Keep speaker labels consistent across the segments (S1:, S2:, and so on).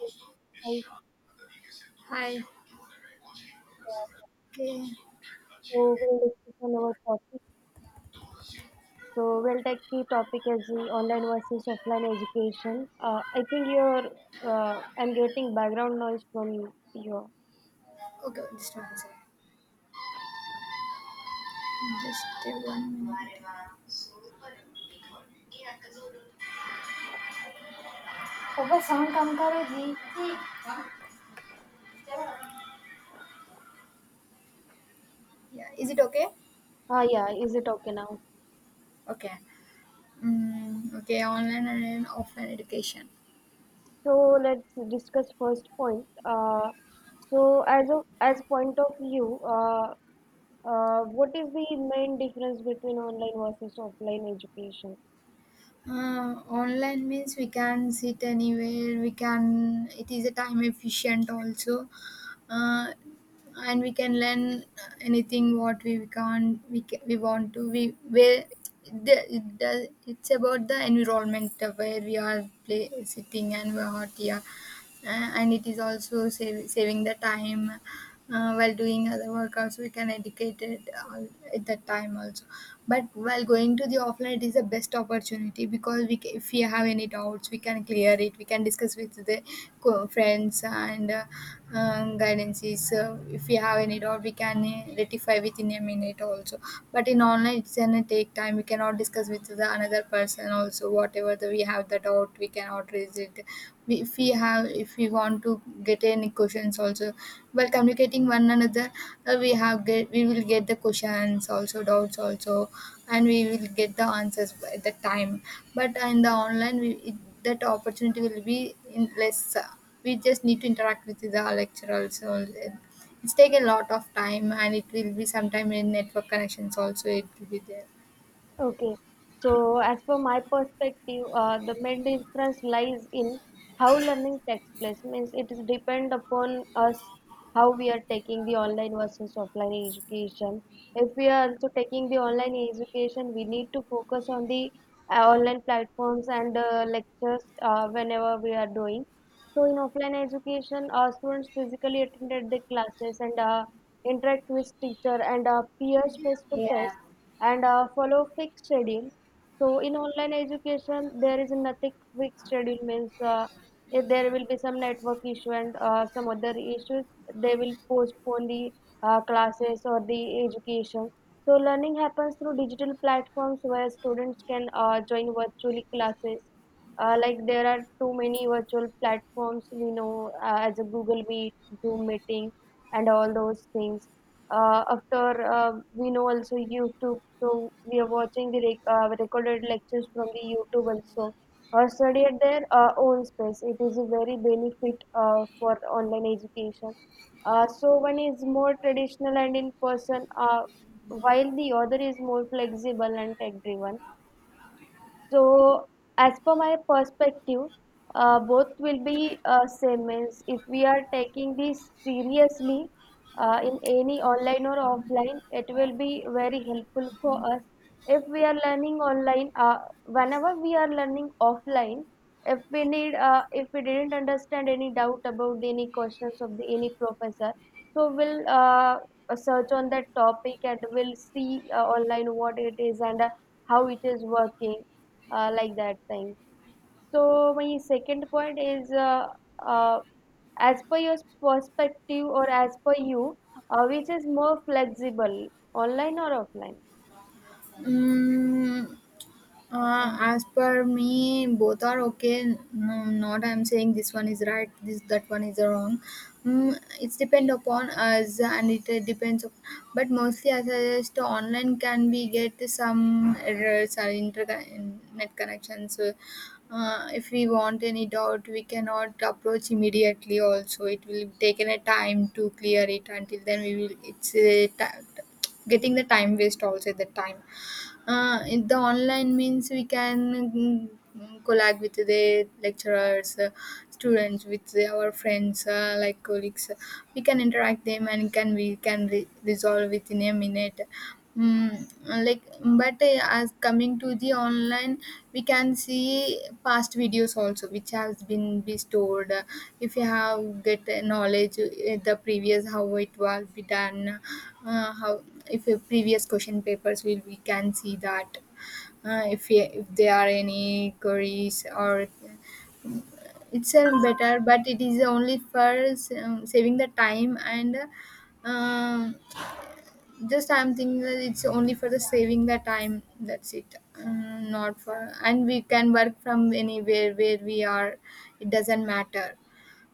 S1: Hi,
S2: Hi.
S1: sir.
S2: Okay.
S1: So we'll discuss on our topic. So we'll take key topic as the online versus offline education. I think I'm getting background noise from you.
S2: Okay, just 1 second. Just 1 minute. पापा song कम करो जी जी Yeah. Is it okay?
S1: Yeah, is it okay now?
S2: Okay. Okay. Online and offline education.
S1: So let's discuss first point. So as of as point of view, what is the main difference between online versus offline education?
S2: Online means we can sit anywhere. We can. It is a time efficient also, uh, and we can learn anything what we can, we want to. We where the, it does, it's about the environment where we are play, sitting and we are hot here, and it is also save, saving the time while doing other work also we can educate it all at that time also, but while going to the offline it is the best opportunity because if we have any doubts we can clear it. We can discuss with the friends and guidances. So if we have any doubt we can rectify within a minute also, but in online it's gonna take time. We cannot discuss with the another person also. Whatever the, we have the doubt we cannot raise it. We, if we have, if we want to get any questions also while communicating one another, we have get, we will get the questions also, doubts also, and we will get the answers at the time. But in the online we, it, that opportunity will be in less. We just need to interact with the lecturers. So it's take a lot of time and it will be sometime in network connections also it will be there.
S1: Okay, so as per my perspective, the main difference lies in how learning takes place. Means it is depend upon us how we are taking the online versus offline education. If we are also taking the online education, we need to focus on the online platforms and lectures whenever we are doing. So in offline education, our students physically attended the classes and interact with teacher and peers face to
S2: Yeah.
S1: face and follow fixed schedule. So in online education, there is nothing fixed schedule means if there will be some network issue and some other issues, they will postpone the classes or the education. So learning happens through digital platforms where students can join virtually classes. Like there are too many virtual platforms we know as a Google Meet, Zoom meeting, and all those things after we know also youtube, so we are watching the recorded lectures from the youtube also, or study at their own space. It is a very benefit for online education. So one is more traditional and in person, while the other is more flexible and tech driven. So, as per my perspective, both will be same. Means if we are taking this seriously in any online or offline, it will be very helpful for us. If we are learning online, whenever we are learning offline, if we need, if we didn't understand any doubt about any questions of the any professor, so we'll search on that topic and we'll see online what it is and how it is working, like that thing. So my second point is uh, as per your perspective or as per you, which is more flexible, online or offline?
S2: Mm, as per me, both are okay. No, not I'm saying this one is right, this that one is wrong. It's depend upon us, and it depends. Of, but mostly, I suggest online can we get some errors or internet connections. So, if we want any doubt, we cannot approach immediately. Also, it will taken a time to clear it. Until then, we will. It's getting the time waste also at the time. In the online means we can mm, collab with the lecturers, students, with the- our friends, like colleagues. We can interact them and can resolve within a minute. Mm, like, but as coming to the online we can see past videos also which has been be stored. If you have get a knowledge the previous how it was be done, how if a previous question papers will we can see that. If if there are any queries, or it's a better, but it is only for saving the time and um, just I'm thinking that it's only for the saving the time. That's it. Uh, not for, and we can work from anywhere where we are. It doesn't matter.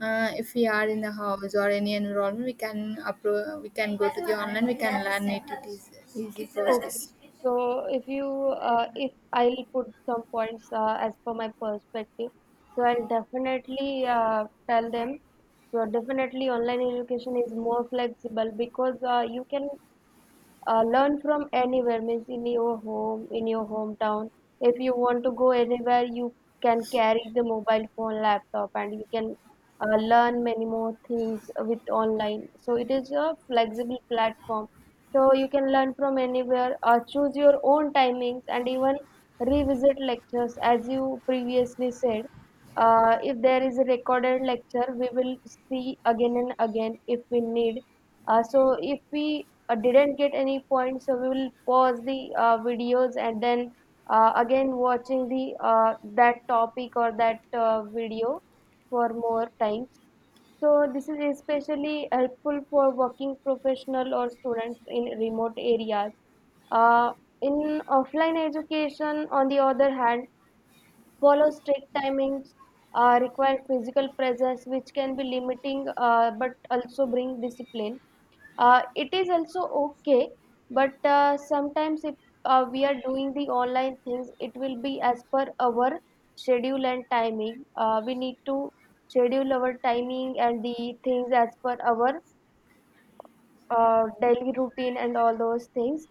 S2: If we are in the house or any environment, we can go to the online. We can learn it. It is easy
S1: Okay.
S2: process.
S1: So if you if I'll put some points as per my perspective, so I'll definitely tell them. So definitely online education is more flexible because you can learn from anywhere means in your home, in your hometown. If you want to go anywhere, you can carry the mobile phone, laptop, and you can learn many more things with online. So it is a flexible platform. So you can learn from anywhere, choose your own timings, and even revisit lectures as you previously said. If there is a recorded lecture, we will see again and again if we need. So if we didn't get any points, so we will pause the videos and then again watching the that topic or that video for more times. So this is especially helpful for working professional or students in remote areas. Uh, in offline education, on the other hand, follow strict timings, require physical presence, which can be limiting, but also bring discipline. It is also okay, but sometimes if we are doing the online things, it will be as per our schedule and timing. We need to schedule our timing and the things as per our daily routine and all those things.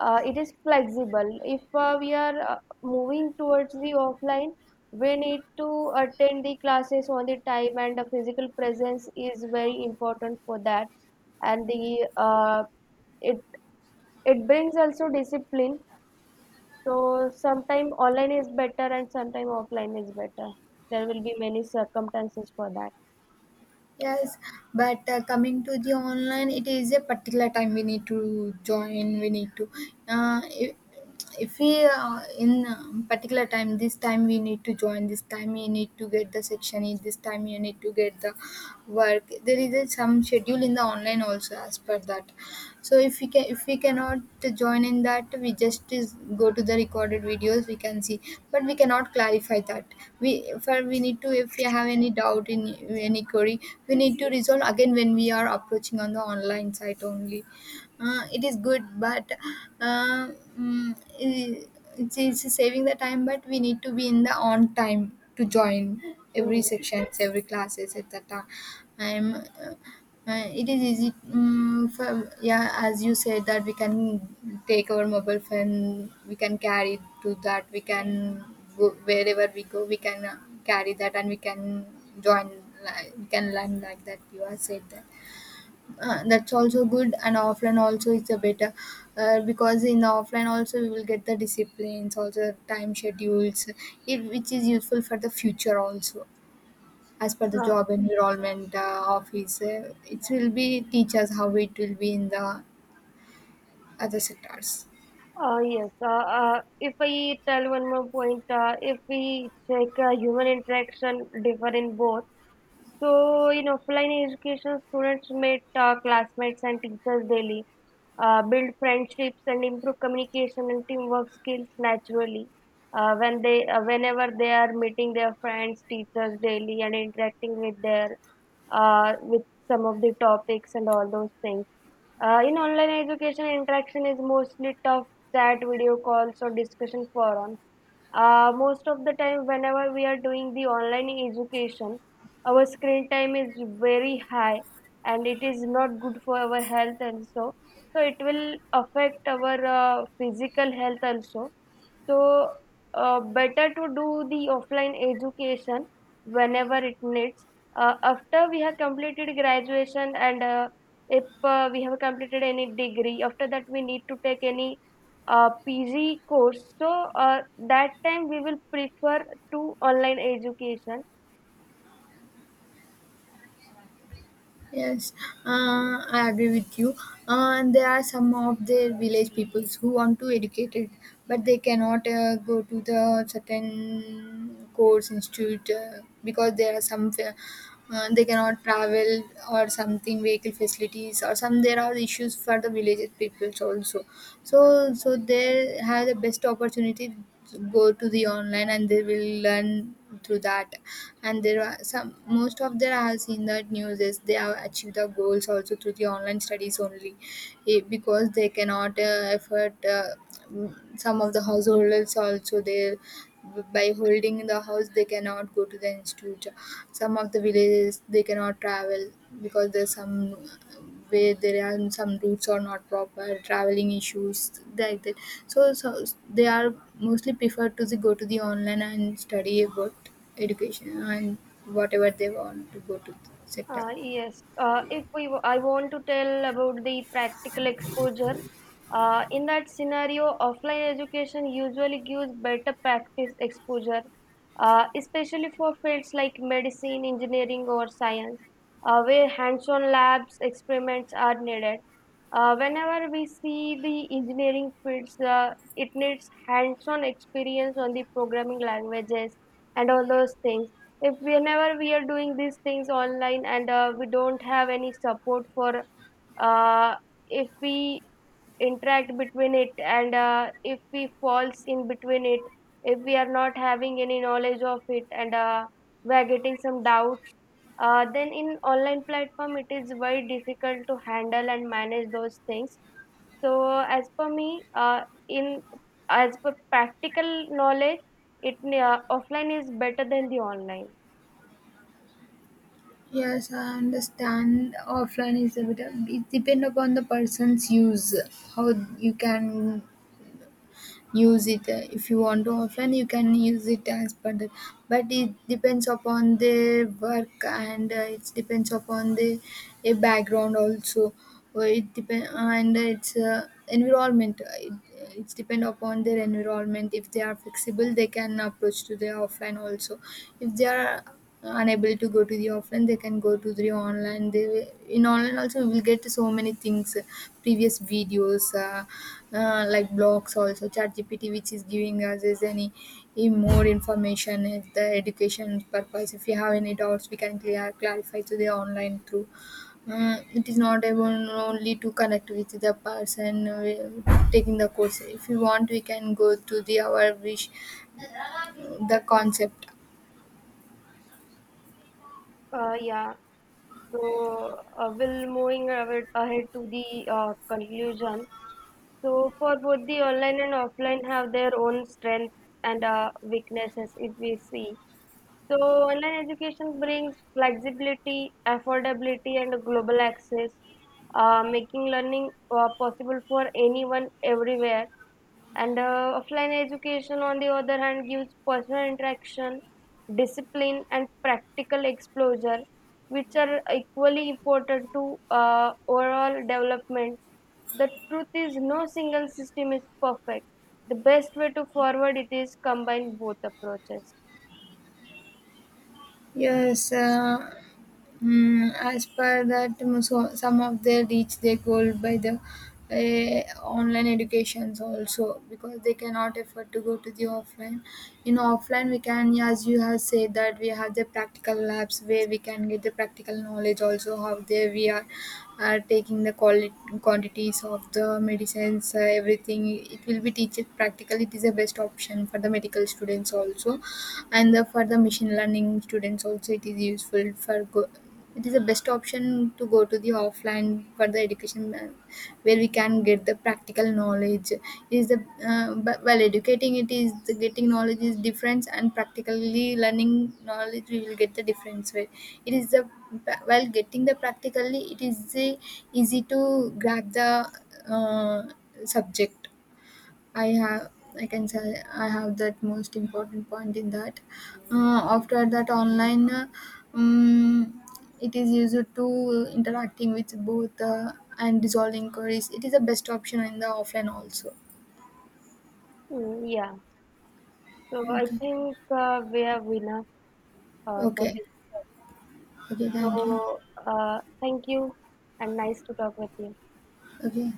S1: It is flexible. If we are moving towards the offline, we need to attend the classes on the time, and the physical presence is very important for that. And the it it brings also discipline. So sometime online is better and sometime offline is better. There will be many circumstances for that.
S2: Yes, but coming to the online, it is a particular time we need to join. We need to, uh, if, if we in particular time, this time we need to join. This time you need to get the section. In this time you need to get the work. There is a, some schedule in the online also as per that. So if we cannot join in that we just is go to the recorded videos we can see, but we cannot clarify that. We, for we need to, if we have any doubt in any query we need to resolve again when we are approaching on the online site only. It is good, but uh, mm, i- it's saving the time but we need to be in the on time to join every
S1: Mm.
S2: sections, every classes at that time. It is easy, for, yeah as you said that we can take our mobile phone, we can carry to that, we can go wherever we go, we can carry that and we can join. We can learn like that you have said that. That's also good, and offline also it's a better, because in the offline also we will get the disciplines also, time schedules, it, which is useful for the future also as per the job environment of his. It will be teach us how it will be in the other sectors.
S1: Yes. If I tell one more point, if we check human interaction differ in both. So in offline education, students meet classmates and teachers daily, build friendships and improve communication and teamwork skills naturally. Whenever they are meeting their friends, teachers daily and interacting with their with some of the topics and all those things. In online education, interaction is mostly tough chat, video calls, or discussion forums. Most of the time, whenever we are doing the online education, our screen time is very high and it is not good for our health also. So, it will affect our physical health also. So, better to do the offline education whenever it needs after we have completed graduation and if we have completed any degree, after that we need to take any PG course. So that time we will prefer to online education.
S2: Yes, I agree with you. And there are some of the village peoples who want to educate it, but they cannot go to the certain course institute, because there are they cannot travel, or something vehicle facilities, or some there are issues for the village peoples also. So, so they have the best opportunity, go to the online and they will learn through that. And there are some, most of them I have seen that news is they have achieved the goals also through the online studies only. Eh, because they cannot afford, some of the householders also there, by holding in the house they cannot go to the institute. Some of the villages they cannot travel because there's some, where there are some routes are not proper, traveling issues like that. So, so they are mostly preferred to the, go to the online and study about education, and whatever they want to go to the sector.
S1: Yes, if we w- I want to tell about the practical exposure. In that scenario, offline education usually gives better practice exposure, especially for fields like medicine, engineering, or science, where hands-on labs experiments are needed. Whenever we see the engineering fields, it needs hands-on experience on the programming languages and all those things. If whenever we are doing these things online and we don't have any support for, uh, if we interact between it and if we falls in between it, if we are not having any knowledge of it and we are getting some doubts, then in online platform it is very difficult to handle and manage those things. So as per me, in as per practical knowledge, it offline is better than the online.
S2: Yes, I understand. Offline is a bit. It depend upon the person's use. How you can use it, if you want to offline you can use it as per that, but it depends upon their work and it depends upon the a background also. It depend and it's environment. It, it's depend upon their environment. If they are flexible they can approach to their offline also. If they are unable to go to the offline they can go to the online. They in online also we will get so many things, previous videos, like blogs also, chat GPT which is giving us is any more information, the education purpose. If you have any doubts we can clear, clarify to the online through, it is not able only to connect with the person taking the course. If you want we can go to the our wish, the concept.
S1: Yeah, so we'll moving ahead to the conclusion. So for both the online and offline have their own strengths and weaknesses if we see. So online education brings flexibility, affordability and global access, making learning possible for anyone everywhere. And offline education, on the other hand, gives personal interaction, discipline, and practical exposure, which are equally important to overall development. The truth is, no single system is perfect. The best way to forward it is combine both approaches.
S2: Yes, as per that, so some of they reach their goal by the online educations also, because they cannot afford to go to the offline. In offline, we can, as you have said, that we have the practical labs where we can get the practical knowledge also, how there we are taking the quality, quantities of the medicines, everything, it will be teached practically. It is the best option for the medical students also, and the, for the machine learning students also it is useful for it is the best option to go to the offline for the education, where we can get the practical knowledge is the, while educating it is the getting knowledge is difference and practically learning knowledge we will get the difference, where it is the, while getting the practically it is the easy to grab the uh, subject. I have I can say I have that most important point in that. After that online, um, it is used to interacting with both, and resolving queries. It is the best option in the offline also.
S1: Hmm, yeah. So I
S2: Okay,
S1: think we have enough for
S2: okay,
S1: this.
S2: okay. Thank you.
S1: So thank you, and nice to talk with you.
S2: Okay.